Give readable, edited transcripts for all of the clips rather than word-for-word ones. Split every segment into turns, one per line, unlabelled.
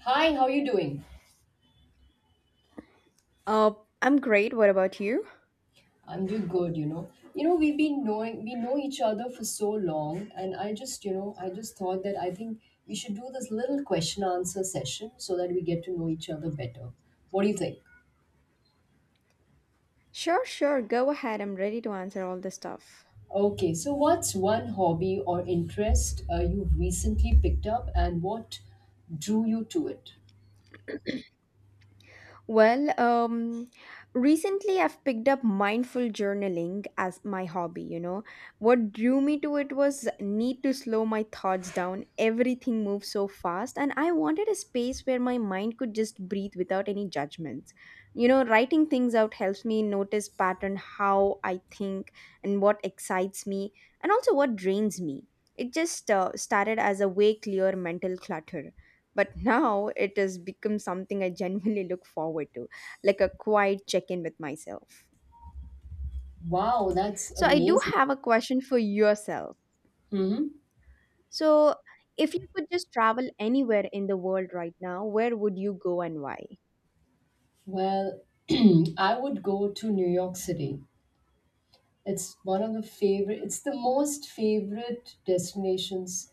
Hi, how are you doing?
Uh, I'm great. What about you?
I'm doing good. We know each other for so long, and I just thought that I think we should do this little question answer session so that we get to know each other better. What do you think?
Sure, sure. Go ahead. I'm ready to answer all the stuff.
Okay, so what's one hobby or interest you've recently picked up, and what drew you to it?
Well, recently I've picked up mindful journaling as my hobby, you know. What drew me to it was need to slow my thoughts down. Everything moves so fast and I wanted a space where my mind could just breathe without any judgments. You know, writing things out helps me notice pattern how I think and what excites me and also what drains me. It just started as a way clear mental clutter, but now it has become something I genuinely look forward to, like a quiet check in with myself.
Wow, that's
So, I do
amazing.
have a question for yourself.
Hmm.
So, if you could just travel anywhere in the world right now, where would you go and why?
Well, I would go to New York City. It's the most favorite destinations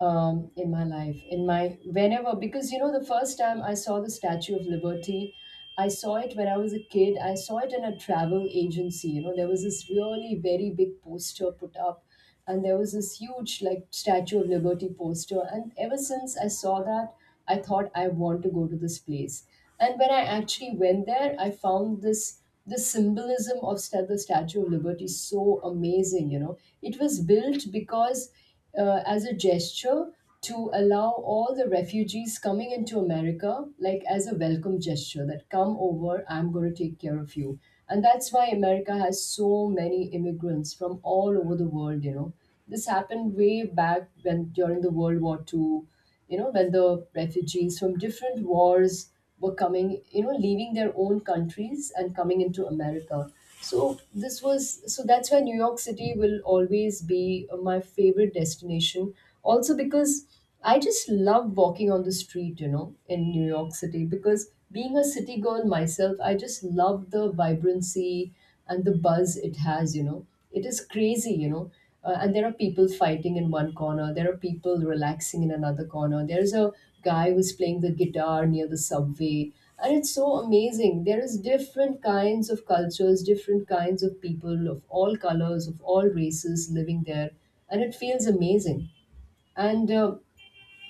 in my life, because the first time I saw the Statue of Liberty, I saw it when I was a kid. I saw it in a travel agency. You know, there was this really very big poster put up, and there was this huge, like, Statue of Liberty poster. And ever since I saw that, I thought I want to go to this place. And when I actually went there, I found this the symbolism of the Statue of Liberty so amazing. You know, it was built because as a gesture to allow all the refugees coming into America, like as a welcome gesture, that come over, I'm going to take care of you. And that's why America has so many immigrants from all over the world, you know. This happened way back when during the World War II, you know, when the refugees from different wars were coming, you know, leaving their own countries and coming into America. So this was so that's why New York City will always be my favorite destination. Also because I just love walking on the street, you know, in New York City because being a city girl myself, I just love the vibrancy and the buzz it has, you know. It is crazy, you know, and there are people fighting in one corner, there are people relaxing in another corner, there's a guy who's playing the guitar near the subway, and it's so amazing. There is different kinds of cultures, different kinds of people of all colors, of all races living there, and it feels amazing. And uh,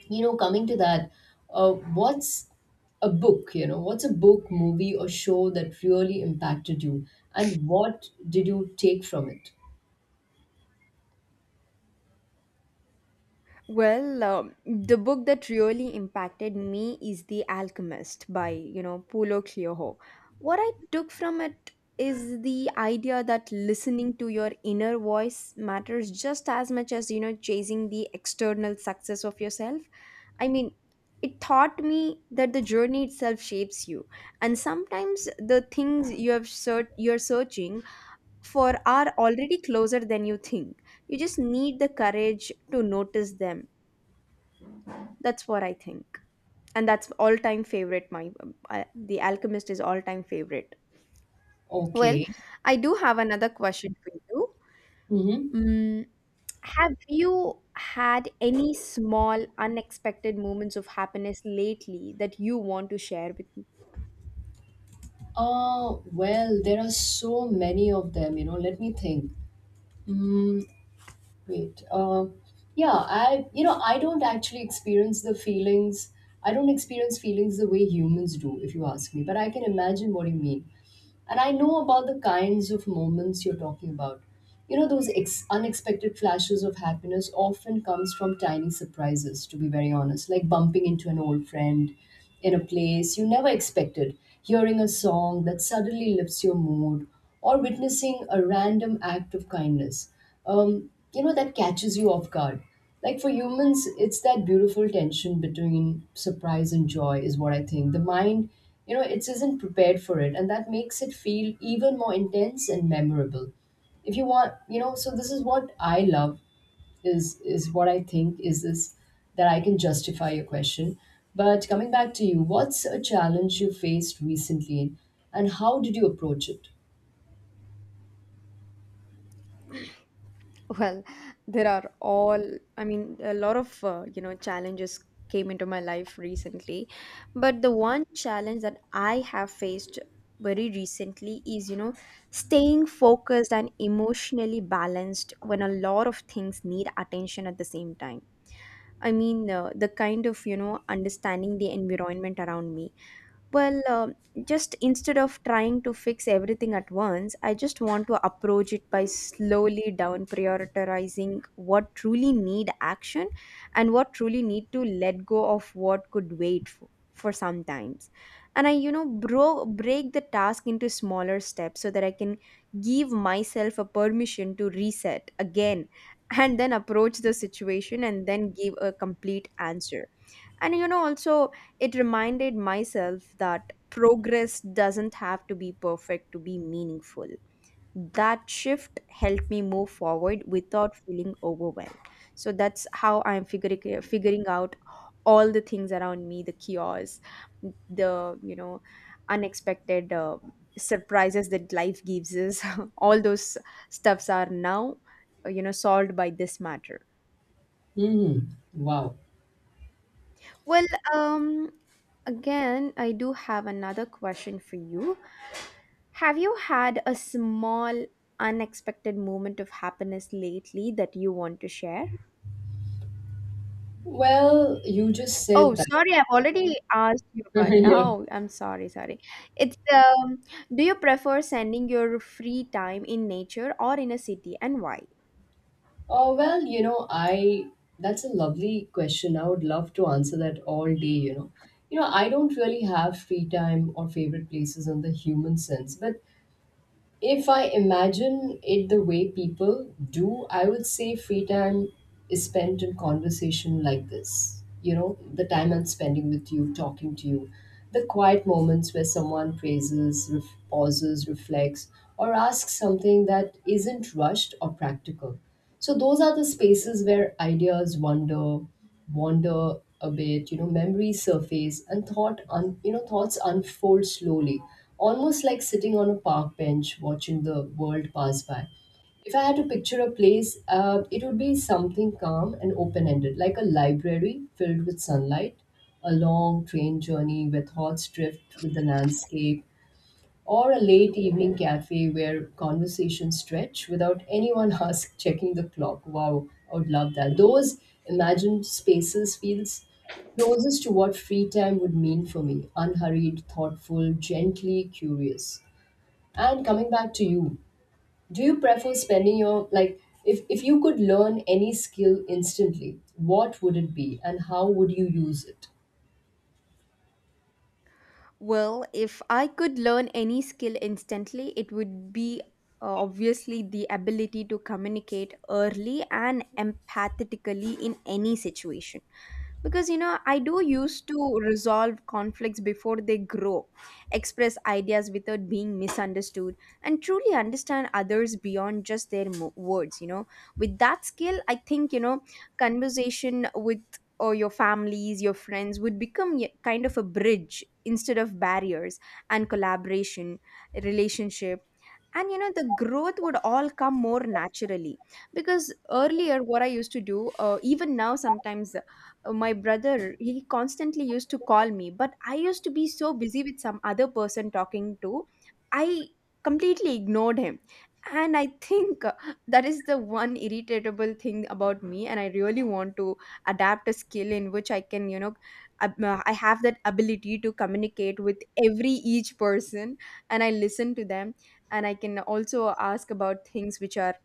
you know coming to that, uh, what's a book, movie, or show that really impacted you, and what did you take from it?
Well, the book that really impacted me is The Alchemist by, you know, Paulo Coelho. What I took from it is the idea that listening to your inner voice matters just as much as, you know, chasing the external success of yourself. I mean, it taught me that the journey itself shapes you, and sometimes the things you have search you're searching for are already closer than you think. You just need the courage to notice them, that's what I think. And that's all-time favorite my The Alchemist is all-time favorite. Well,
Okay.
I do have another question for you.
Mm-hmm.
Mm, have you had any small unexpected moments of happiness lately that you want to share with me?
Well, there are so many of them, you know. Let me think. Mm, wait. Yeah, I don't actually experience the feelings. I don't experience feelings the way humans do, if you ask me, but I can imagine what you mean. And I know about the kinds of moments you're talking about. You know, those unexpected flashes of happiness often comes from tiny surprises, to be very honest, like bumping into an old friend in a place you never expected, hearing a song that suddenly lifts your mood, or witnessing a random act of kindness. That catches you off guard, like for humans. It's that beautiful tension between surprise and joy is what I think. The mind, you know, it isn't prepared for it, and that makes it feel even more intense and memorable, if you want, you know. So this is what I love, is what I think is this, that I can justify your question. But coming back to you, what's a challenge you faced recently and how did you approach it?
Well, there are all, I mean, a lot of, you know, challenges came into my life recently. But the one challenge that I have faced very recently is, you know, staying focused and emotionally balanced when a lot of things need attention at the same time. I mean, the kind of, you know, understanding the environment around me, well, just instead of trying to fix everything at once, I just want to approach it by slowly down prioritizing what truly need action and what truly need to let go of what could wait for some times. And I, you know, break the task into smaller steps so that I can give myself a permission to reset again and then approach the situation and then give a complete answer, and you know, also, it reminded myself that progress doesn't have to be perfect to be meaningful. That shift helped me move forward without feeling overwhelmed. So that's how I'm figuring out all the things around me, the chaos, the you know, unexpected surprises that life gives us. All those stuffs are now, you know, solved by this matter.
Hmm. Wow.
Well, um, again, I do have another question for you. Have you had a small, unexpected moment of happiness lately that you want to share?
Well, you just
Oh,
said that.
sorry, I've already asked you about.
Yeah.
Oh, I'm sorry, sorry. It's do you prefer spending your free time in nature or in a city, and why?
Oh, well, you know, I that's a lovely question. I would love to answer that all day, you know. You know, I don't really have free time or favorite places in the human sense, but if I imagine it the way people do, I would say free time is spent in conversation like this. You know, the time I'm spending with you, talking to you, the quiet moments where someone praises, pauses, reflects, or asks something that isn't rushed or practical. So, those are the spaces where ideas wander, wander a bit, you know, memories surface, and thoughts unfold slowly, almost like sitting on a park bench watching the world pass by. If I had to picture a place, it would be something calm and open ended, like a library filled with sunlight, a long train journey where thoughts drift with the landscape, or a late evening cafe where conversations stretch without anyone ask checking the clock. Wow, I would love that. Those imagined spaces feels closest to what free time would mean for me. Unhurried, thoughtful, gently curious. And coming back to you, do you prefer spending your like, if you could learn any skill instantly, what would it be and how would you use it?
Well, if I could learn any skill instantly, it would be obviously the ability to communicate early and empathetically in any situation. Because, you know, I do used to resolve conflicts before they grow, express ideas without being misunderstood, and truly understand others beyond just their words, you know. With that skill, I think, you know, conversation with or your families, your friends would become kind of a bridge instead of barriers, and collaboration, relationship, and you know the growth would all come more naturally, because earlier what I used to do, even now sometimes, my brother he constantly used to call me but I used to be so busy with some other person talking to, I completely ignored him. And I think that is the one irritatable thing about me, and I really want to adapt a skill in which I can you know I have that ability to communicate with every each person and I listen to them, and I can also ask about things which are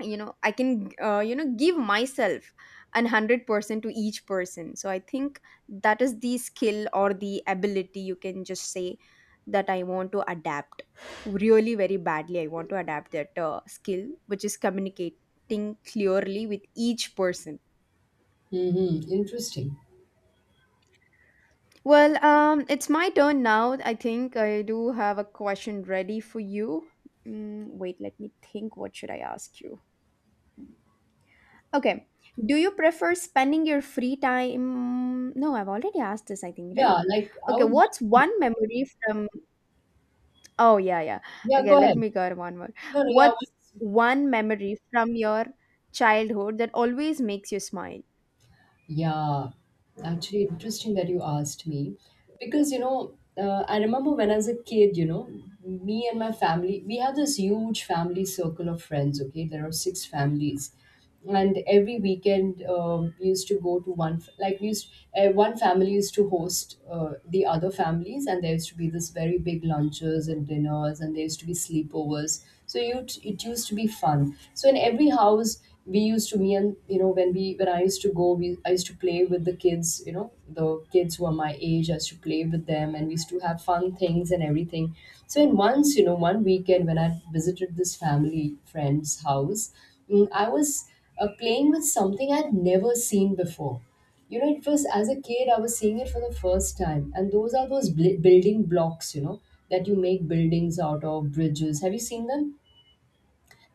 you know I can you know give myself an 100% to each person. So I think that is the skill or the ability you can just say that I want to adapt. Really very badly I want to adapt that skill, which is communicating clearly with each person.
Mm-hmm. Interesting.
Well, it's my turn now. I think I do have a question ready for you. Wait, let me think what should I ask you. Okay. Do you prefer spending your free time? No, I've already asked this, I think, right?
Yeah, like I
Okay,
would want.
what's one memory from oh yeah, yeah.
Yeah,
Okay,
go
let
ahead.
me go one more.
No, no, yeah,
What's
what's?
one memory from your childhood that always makes you smile?
Yeah, actually, interesting that you asked me, because you know, I remember when I was a kid, you know, me and my family, we have this huge family circle of friends, okay? There are six families, and every weekend, we used to go to one, like, one family used to host the other families, and there used to be this very big lunches and dinners, and there used to be sleepovers. So you, it used to be fun. So in every house, we used to me and you know when I used to go, we I used to play with the kids, you know, the kids who are my age. I used to play with them and we used to have fun things and everything. So in once, you know, one weekend when I visited this family friend's house, I was playing with something I'd never seen before. You know, it was, as a kid I was seeing it for the first time, and those building blocks, you know, that you make buildings out of, bridges. Have you seen them?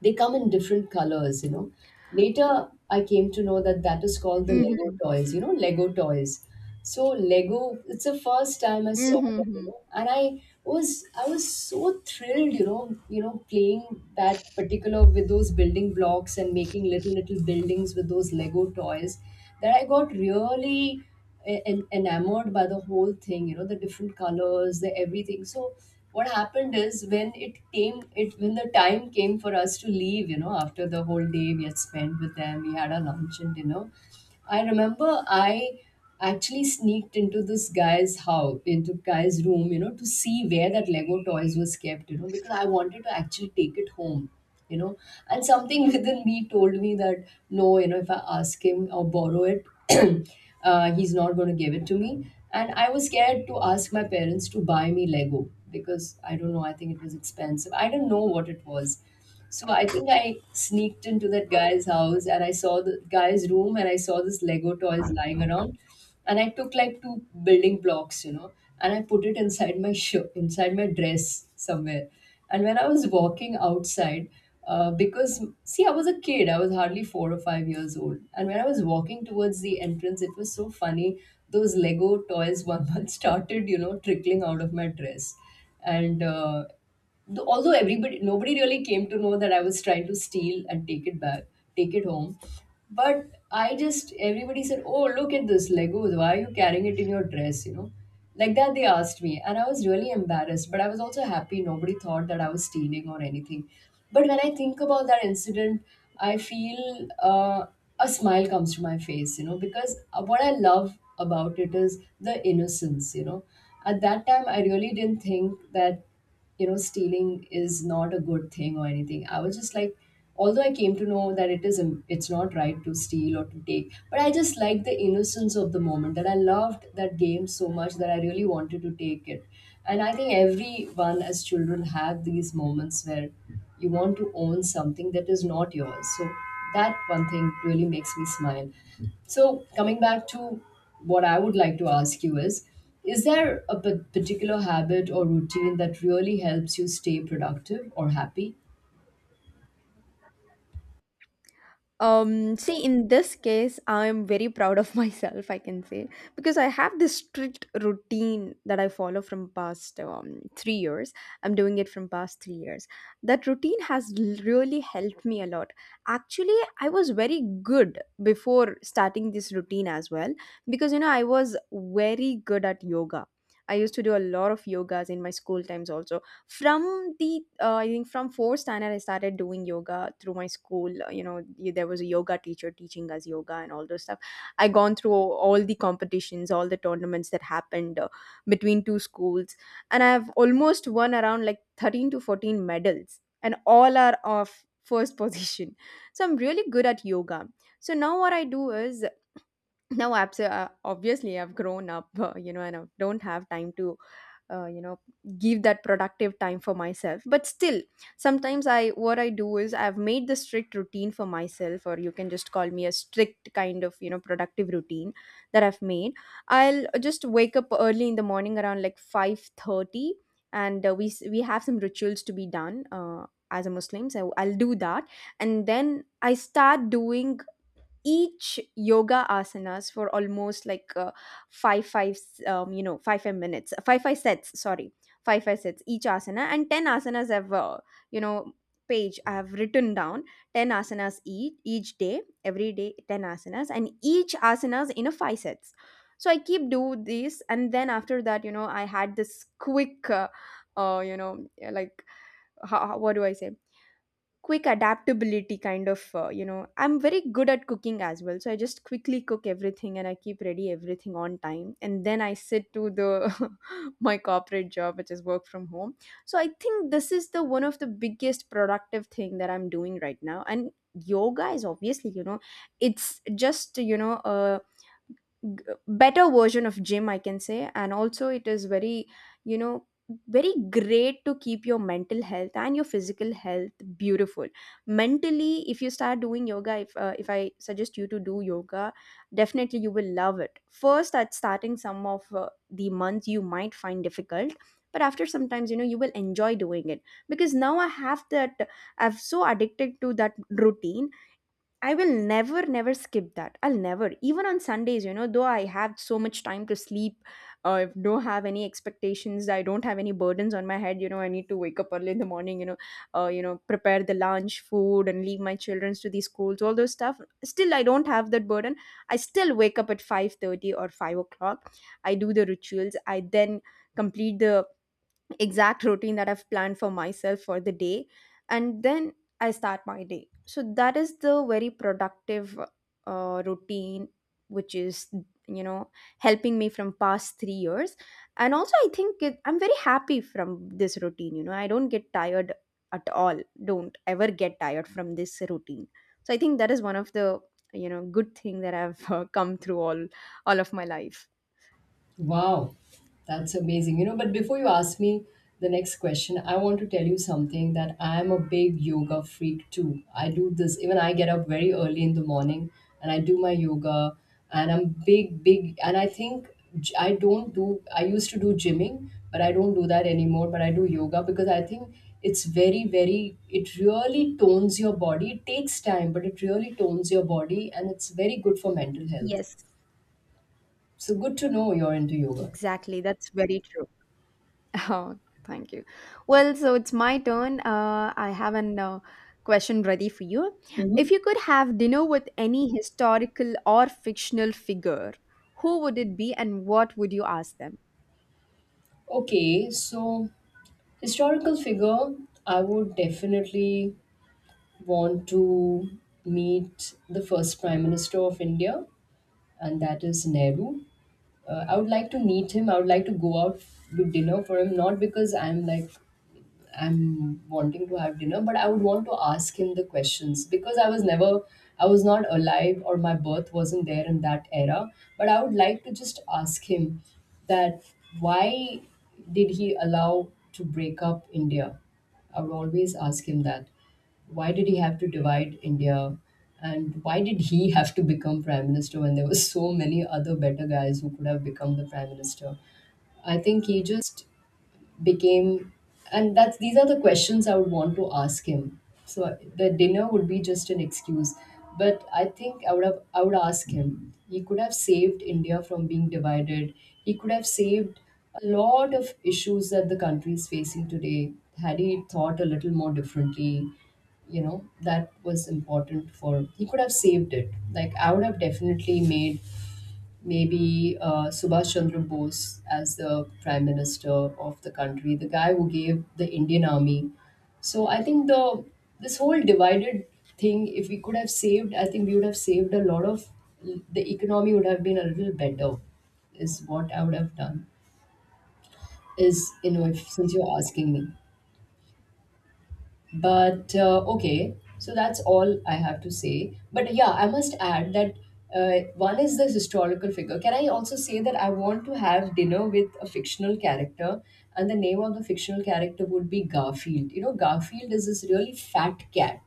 They come in different colors, you know. Later, I came to know that that is called the Lego
Mm-hmm.
toys, you know, Lego toys. So Lego, it's the first time I saw them, you
Mm-hmm.
know, and I was so thrilled, playing that particular with those building blocks and making little buildings with those Lego toys, that I got really enamored by the whole thing, you know, the different colors, the everything. So what happened is when it came it when the time came for us to leave, you know, after the whole day we had spent with them, we had our lunch and dinner. I remember I actually sneaked into this guy's house into guy's room, you know, to see where that Lego toys was kept, you know, because I wanted to actually take it home, you know. And something within me told me that no, you know, if I ask him or borrow it, he's not going to give it to me. And I was scared to ask my parents to buy me Lego, because I don't know, I think it was expensive, I don't know what it was. So I think I sneaked into that guy's house and I saw the guy's room and I saw this Lego toys lying around, and I took like two building blocks, you know, and I put it inside my shirt, inside my dress somewhere. And when I was walking outside, because see, I was a kid, I was hardly 4 or 5 years old, and when I was walking towards the entrance, it was so funny. Those Lego toys one month started, you know, trickling out of my dress, and although everybody nobody really came to know that I was trying to steal and take it back, take it home. But I just everybody said, "Oh, look at this Legos! Why are you carrying it in your dress?" You know, like that they asked me, and I was really embarrassed. But I was also happy. Nobody thought that I was stealing or anything. But when I think about that incident, I feel uh, a smile comes to my face. You know, because what I love about it is the innocence. You know, at that time I really didn't think that stealing is not a good thing or anything. I was just like, although I came to know that it's not right to steal or to take, but I just liked the innocence of the moment, that I loved that game so much that I really wanted to take it. And I think everyone as children have these moments where you want to own something that is not yours. So that one thing really makes me smile. So coming back to what I would like to ask you is there a particular habit or routine that really helps you stay productive or happy?
See, in this case, I'm very proud of myself, I can say, because I have this strict routine that I follow from past 3 years. I'm doing it from past 3 years. That routine has really helped me a lot. Actually, I was very good before starting this routine as well, because you know, I was very good at yoga. I used to do a lot of yogas in my school times also from the I think from 4th standard, I started doing yoga through my school. You know, there was a yoga teacher teaching us yoga and all those stuff. I gone through all the competitions, all the tournaments that happened between two schools, and I have almost won around like 13 to 14 medals, and all are of first position. So I'm really good at yoga. So now what I do is now obviously I've grown up you know, and I don't have time to you know give that productive time for myself, but still sometimes I what I do is I've made the strict routine for myself, or you can just call me a strict kind of you know productive routine that I've made. I'll just wake up early in the morning around like 5:30, and we we have some rituals to be done as a muslim, so I'll do that. And then I start doing each yoga asanas for almost like five five you know 5 5 minutes five five sets sorry five five sets each asana, and 10 asanas I've you know page I have written down, 10 asanas each day every day, 10 asanas, and each asanas in a five sets. So I keep do this, and then after that you know I had this quick you know like how, what do I say, quick adaptability kind of you know I'm very good at cooking as well, so I just quickly cook everything and I keep ready everything on time, and then I sit to the my corporate job which is work from home. So I think this is the one of the biggest productive thing that I'm doing right now. And yoga is obviously you know it's just you know a better version of gym I can say, and also it is very you know very great to keep your mental health and your physical health beautiful mentally. If you start doing yoga, if I suggest you to do yoga, definitely you will love it. First at starting some of the months you might find difficult, but after sometimes you know you will enjoy doing it, because now I have that, I'm so addicted to that routine. I will never, never skip that. I'll never, even on Sundays, you know, though I have so much time to sleep, don't have any expectations, I don't have any burdens on my head, you know, I need to wake up early in the morning, you know, prepare the lunch, food, and leave my children to the schools, all those stuff. Still, I don't have that burden. I still wake up at 5:30 or 5 o'clock. I do the rituals. I then complete the exact routine that I've planned for myself for the day, and then I start my day. So that is the very productive routine, which is you know helping me from past 3 years, and also I think it, I'm very happy from this routine. You know, I don't get tired at all. Don't ever get tired from this routine. So I think that is one of the you know good thing that I've come through all of my life.
Wow, that's amazing. You know, but before you ask me the next question, I want to tell you something, that I am a big yoga freak too. I do this, even I get up very early in the morning and I do my yoga. And I'm big, big, and I think I don't do, I used to do gymming, but I don't do that anymore, but I do yoga because I think it's very, very, it really tones your body. It takes time, but it really tones your body and it's very good for mental health.
Yes,
So good to know you're into yoga.
exactly. That's very true. Oh, thank you. Well, so it's my turn. I have an question ready for you.
Mhm.
If you could have dinner with any historical or fictional figure, who would it be and what would you ask them?
Okay, so historical figure, I would definitely want to meet the first Prime Minister of India, and that is Nehru. I would like to meet him. I would like to go out with dinner for him, not because I'm like I'm wanting to have dinner, but I would want to ask him the questions because I was never, I was not alive or my birth wasn't there in that era. But I would like to just ask him that, why did he allow to break up India? I would always ask him that. Why did he have to divide India? And why did he have to become prime minister when there were so many other better guys who could have become the prime minister? I think he just became, and that's, these are the questions I would want to ask him. So the dinner would be just an excuse, but I think I would have, I would ask him, he could have saved India from being divided. He could have saved a lot of issues that the country is facing today, had he thought a little more differently. You know, that was important, for he could have saved it. Like I would have definitely made maybe Subhash Chandra Bose as the prime minister of the country, the guy who gave the Indian army. So I think the, this whole divided thing, if we could have saved, I think we would have saved a lot of, the economy would have been a little better. Is what I would have done. Is, you know, if, since you're asking me. But okay, so that's all I have to say. But yeah, I must add that one is the historical figure. Can I also say that I want to have dinner with a fictional character, and the name of the fictional character would be Garfield? You know, Garfield is this really fat cat.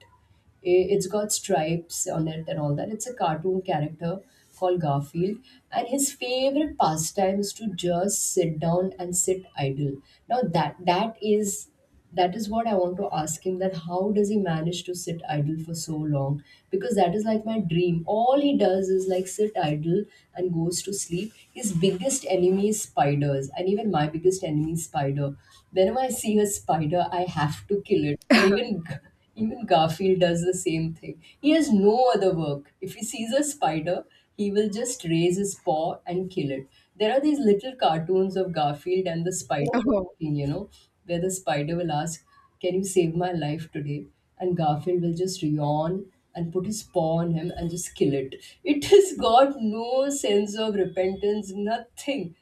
It's got stripes on it and all that. It's a cartoon character called Garfield, and his favorite pastime is to just sit down and sit idle. Now that that is what I want to ask him, that how does he manage to sit idle for so long? Because that is like my dream. All he does is like sit idle and goes to sleep. His biggest enemy is spiders, and even my biggest enemy is spider. Whenever I see a spider, I have to kill it. And even even Garfield does the same thing. He has no other work. If he sees a spider, he will just raise his paw and kill it. There are these little cartoons of Garfield and the spider, you know, where the spider will ask, "Can you save my life today?" And Garfield will just yawn and put his paw on him and just kill it. It has got no sense of repentance, nothing.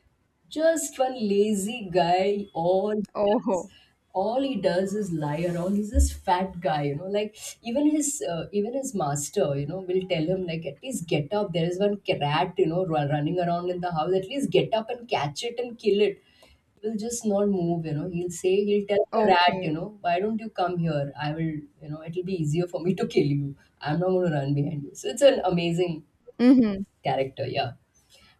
Just one lazy guy,
Oh,
does
oh,
all he does is lie around. He's this fat guy, you know, like even his master, you know, will tell him like, at least get up, there is one rat, you know, running around in the house, at least get up and catch it and kill it. Will just not move, you know. He'll say, he'll tell the rat, you
okay.
know, why don't you come here, I will, you know, it'll be easier for me to kill you, I'm not going to run behind you. So it's an amazing
Mm-hmm.
character, yeah.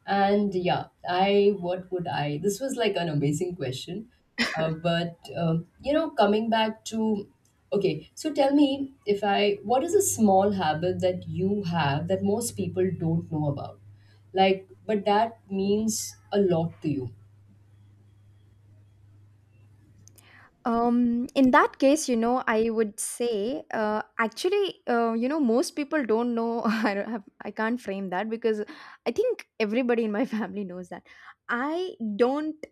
And yeah, I, what would I? This was like an amazing question. But you know, coming back to, okay, so tell me, if I what is a small habit that you have that most people don't know about, like, but that means a lot to you?
In that case, you know, I would say, actually, you know, most people don't know. I don't have, I can't frame that because I think everybody in my family knows that. I don't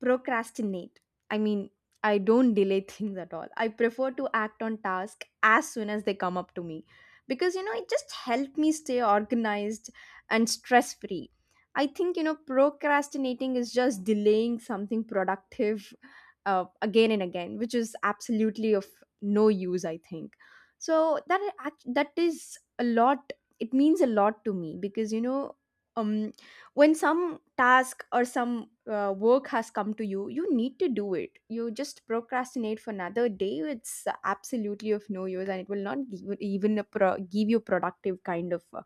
procrastinate. i mean I don't delay things at all. I prefer to act on task as soon as they come up to me, because you know it just helped me stay organized and stress free. I think, you know, procrastinating is just delaying something productive again and again, which is absolutely of no use, I think. So that is a lot. It means a lot to me because, you know, um when some task or some work has come to you, you need to do it. You just procrastinate for another day, it's absolutely of no use, and it will not give, even a give you productive kind of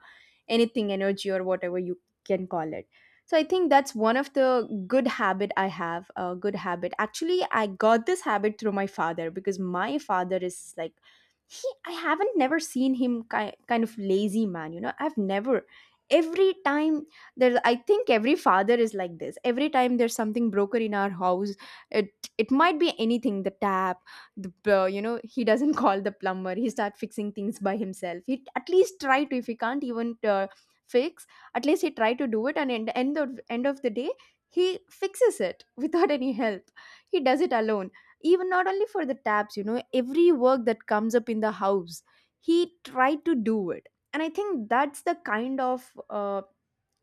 anything, energy, or whatever you can call it. So I think that's one of the good habit I have. A good habit, actually. I got this habit through my father, because my father is like, he, I haven't never seen him kind of lazy man, you know. I've never. Every time I think every father is like this. Every time there's something broken in our house, it might be anything. The tap, the you know, he doesn't call the plumber. He start fixing things by himself. He at least try to, if he can't even fix, at least he try to do it, and in the end of the day he fixes it without any help. He does it alone. Even not only for the taps, you know, every work that comes up in the house, he tried to do it. And I think that's the kind of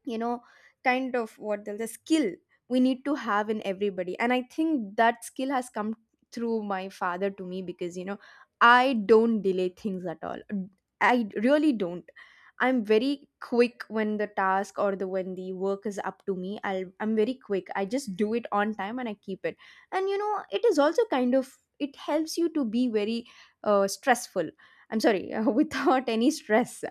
you know kind of what the skill we need to have in everybody, and I think that skill has come through my father to me. Because, you know, I don't delay things at all. I really don't. I'm very quick when the task or the, when the work is up to me, I'm very quick. I just do it on time and I keep it. And you know, it is also kind of, it helps you to be very stressful. I'm sorry, without any stress.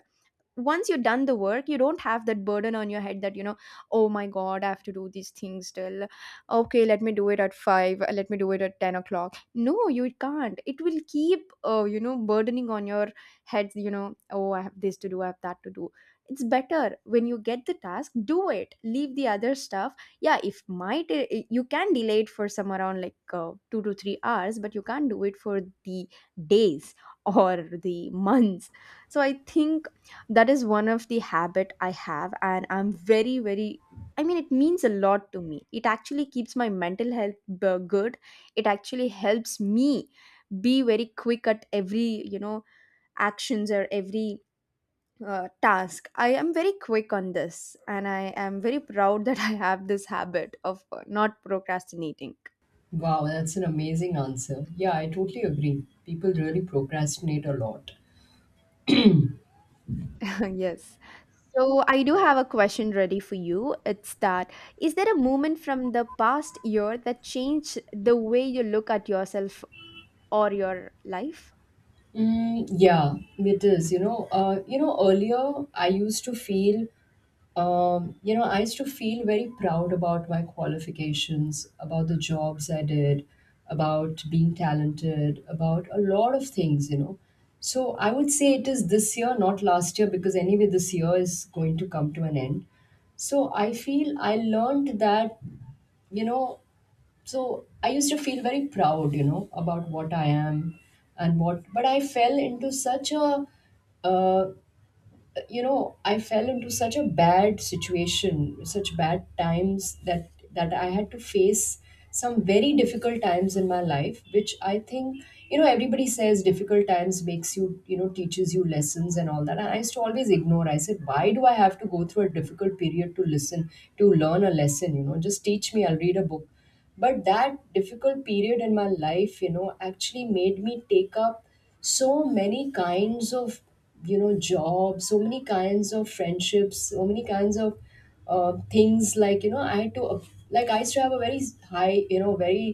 Once you've done the work, you don't have that burden on your head that, you know, oh my god, I have to do these things till, okay, let me do it at 5, let me do it at 10 o'clock. No, you can't. It will keep you know, burdening on your heads. You know, oh, I have this to do, I have that to do. It's better when you get the task, do it, leave the other stuff. Yeah, if might you can delay it for some around like 2 to 3 hours, but you can't do it for the days or the months. So I think that is one of the habit I have, and I'm very very, it means a lot to me. It actually keeps my mental health good. It actually helps me be very quick at every, you know, actions or every task. I am very quick on this, and I am very proud that I have this habit of not procrastinating.
Wow, that's an amazing answer. Yeah, I totally agree. People really procrastinate a lot.
Yes. So I do have a question ready for you. It's that, is there a moment from the past year that changed the way you look at yourself or your life?
Mm, yeah, it is. You know, earlier I used to feel, you know, I used to feel very proud about my qualifications, about the jobs I did, about being talented, about a lot of things, you know. So I would say it is this year, not last year, because anyway, this year is going to come to an end. So I feel I learned that, you know, so I used to feel very proud, you know, about what I am and what, but I fell into such a uh, you know, I fell into such a bad situation, such bad times, that I had to face some very difficult times in my life, which I think, you know, everybody says difficult times makes you, you know, teaches you lessons and all that, and I used to always ignore. I said, why do I have to go through a difficult period to listen, to learn a lesson? You know, just teach me, I'll read a book. But that difficult period in my life, you know, actually made me take up so many kinds of, you know, jobs, so many kinds of friendships, so many kinds of things, like, you know, I had to, like I used to have a very high, you know, very,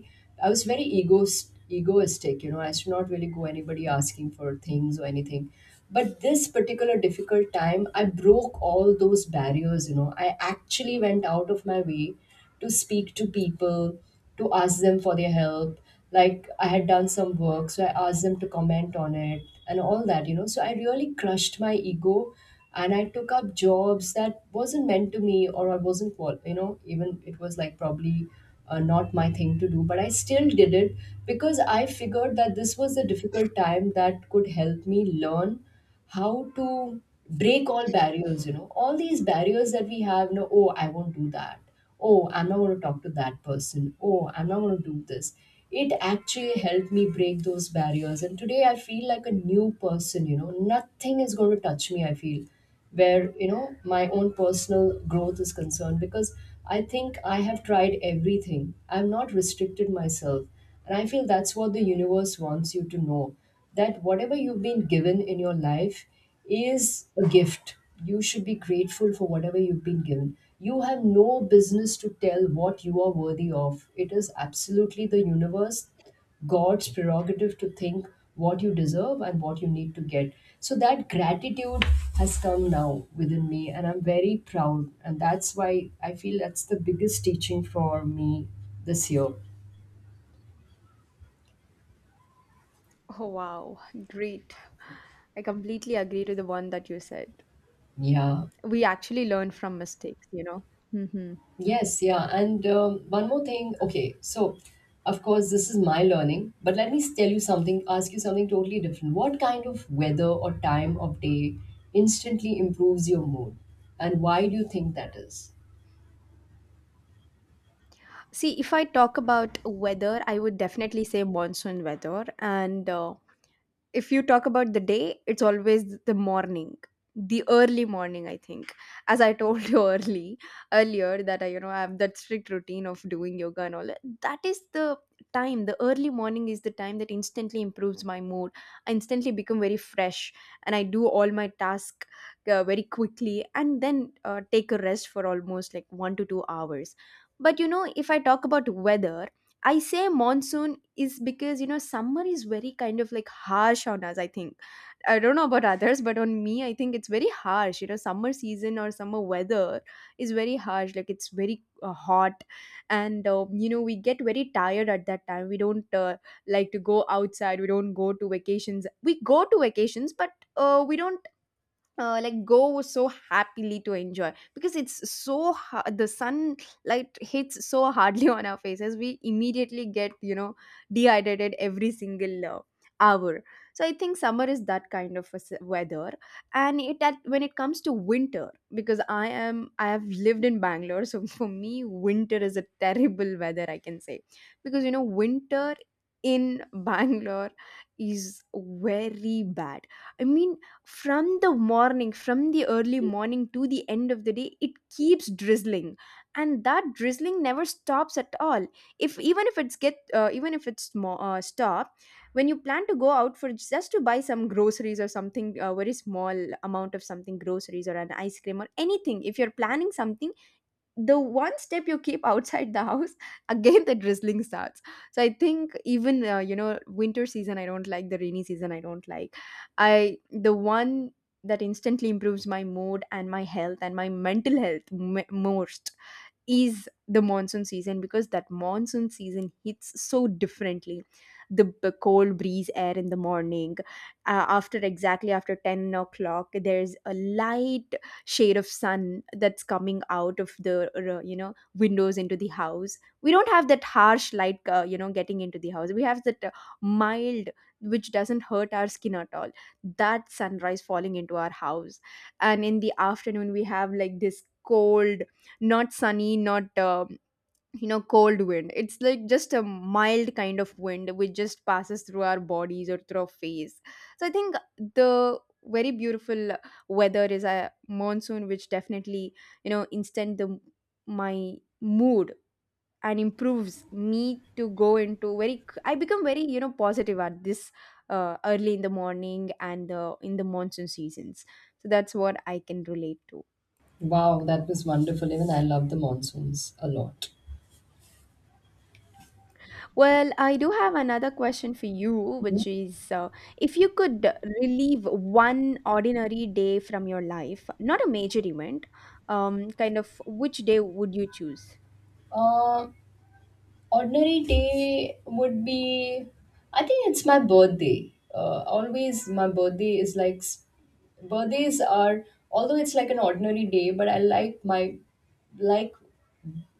I was very egoist, egoistic, you know, I used to not really go anybody asking for things or anything. But this particular difficult time I broke all those barriers. You know, I actually went out of my way to speak to people, to ask them for their help. Like I had done some work, so I asked them to comment on it and all that, you know. So I really crushed my ego and I took up jobs that wasn't meant to me, or I wasn't, you know, even it was like probably not my thing to do, but I still did it because I figured that this was a difficult time that could help me learn how to break all barriers. You know, all these barriers that we have, no, oh, I won't do that, oh, I'm not going to talk to that person, oh, I'm not going to do this. It actually helped me break those barriers, and today I feel like a new person. You know, nothing is going to touch me, I feel, where, you know, my own personal growth is concerned, because I think I have tried everything, I've not restricted myself. And I feel that's what the universe wants you to know, that whatever you've been given in your life is a gift. You should be grateful for whatever you've been given. You have no business to tell what you are worthy of. It is absolutely the universe, God's prerogative to think what you deserve and what you need to get. So that gratitude has come now within me, and I'm very proud. And that's why I feel that's the biggest teaching for me this year.
Oh, wow. Great. I completely agree to the one that you said.
Yeah.
We actually learn from mistakes, you know. Hmm.
Yes. Yeah. And one more thing. Okay. So, of course, this is my learning, but let me tell you something, ask you something totally different. What kind of weather or time of day instantly improves your mood? And why do you think that is?
See, if I talk about weather, I would definitely say monsoon weather. And if you talk about the day, it's always the morning, the early morning. I think, as I told you early earlier, that I, you know, I have that strict routine of doing yoga and all. That is the time. The early morning is the time that instantly improves my mood. I instantly become very fresh, and I do all my tasks very quickly, and then take a rest for almost like 1 to 2 hours. But you know, if I talk about weather, I say monsoon is because, you know, summer is very kind of like harsh on us. I think I don't know about others, but on me, I think it's very harsh. You know, summer season or summer weather is very harsh. Like it's very hot, and you know we get very tired at that time. We don't like to go outside. We don't go to vacations. We go to vacations, but we don't like go so happily to enjoy, because it's the sunlight hits so hardly on our faces. We immediately get, you know, dehydrated every single hour. So I think summer is that kind of a weather. And when it comes to winter, because I have lived in Bangalore, so for me winter is a terrible weather, I can say. Because you know winter in Bangalore is very bad. I mean, from the morning, from the early morning to the end of the day, it keeps drizzling, and that drizzling never stops at all. If Even if it's get even if stop, when you plan to go out for just to buy some groceries or something, a very small amount of something, groceries or an ice cream or anything, if you're planning something, the one step you keep outside the house, again the drizzling starts. So I think even you know, winter season, I don't like. The rainy season, I don't like. I The one that instantly improves my mood and my health and my mental health most is the monsoon season, because that monsoon season hits so differently. The cold breeze air in the morning, after exactly after 10 o'clock, there's a light shade of sun that's coming out of the you know, windows into the house. We don't have that harsh light you know, getting into the house. We have that mild, which doesn't hurt our skin at all, that sunrise falling into our house. And in the afternoon, we have like this cold, not sunny, not you know, cold wind. It's like just a mild kind of wind which just passes through our bodies or through our face. So I think the very beautiful weather is a monsoon, which definitely, you know, instant the my mood, and improves me to go into very, I become very, you know, positive at this early in the morning, and in the monsoon seasons. So that's what I can relate to.
Wow, that was wonderful. Even I love the monsoons a lot.
Well, I do have another question for you, which is if you could relieve one ordinary day from your life, not a major event, kind of, which day would you choose?
Uh, ordinary day would be, I think it's my birthday. Always my birthday is like, birthdays are, although it's like an ordinary day, but I like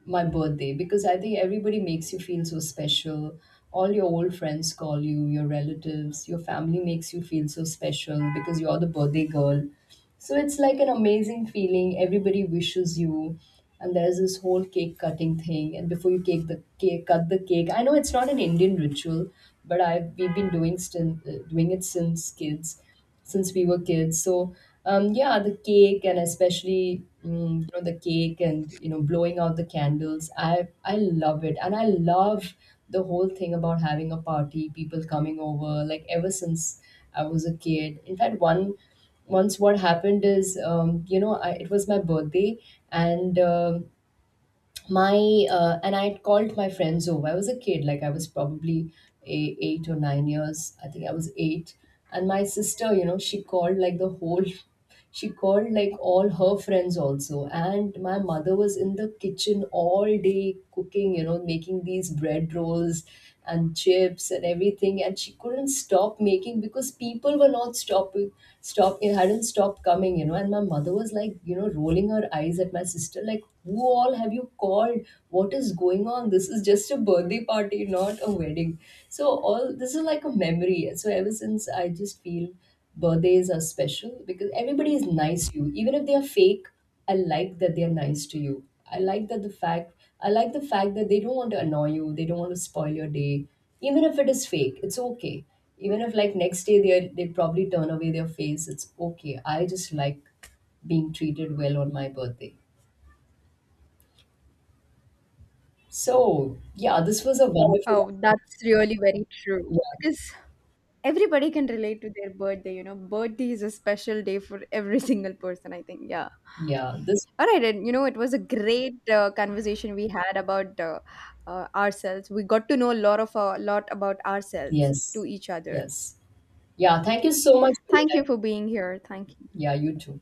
my birthday, because I think everybody makes you feel so special. All your old friends call you, your relatives, your family makes you feel so special because you're the birthday girl. So it's like an amazing feeling. Everybody wishes you, and there's this whole cake cutting thing. And before you cake the cake, cut the cake. I know it's not an Indian ritual, but I, we've been doing, still doing it since kids, since we were kids. So yeah, the cake, and especially mm, you know, the cake, and you know, blowing out the candles. I love it, and I love the whole thing about having a party, people coming over. Like ever since I was a kid. In fact, one once what happened is, you know, I, it was my birthday, and my and I had called my friends over. I was a kid, like I was probably 8 or 9 years, I think I was eight. And my sister, you know, she called like the whole she called like all her friends also, and my mother was in the kitchen all day cooking, you know, making these bread rolls and chips and everything, and she couldn't stop making because people were not stopping stop it hadn't stopped coming, you know. And my mother was like, you know, rolling her eyes at my sister, like, who all have you called? What is going on? This is just a birthday party, not a wedding. So all this is like a memory. So ever since, I just feel birthdays are special because everybody is nice to you, even if they are fake. I like that they're nice to you. I like that the fact I like the fact that they don't want to annoy you, they don't want to spoil your day. Even if it is fake, it's okay. Even if like next day they probably turn away their face, it's okay. I just like being treated well on my birthday. So yeah, this was a wonderful,
Oh, that's really very true.
yeah,
Because everybody can relate to their birthday, you know. Birthday is a special day for every single person, I think. Yeah.
yeah. This,
All right, and you know, it was a great conversation we had about ourselves. We got to know a lot of a lot about ourselves to
yes.
each other.
Yes. Yeah, thank you so much for your
Thank you
time.
for being here. Thank you.
Yeah, you too.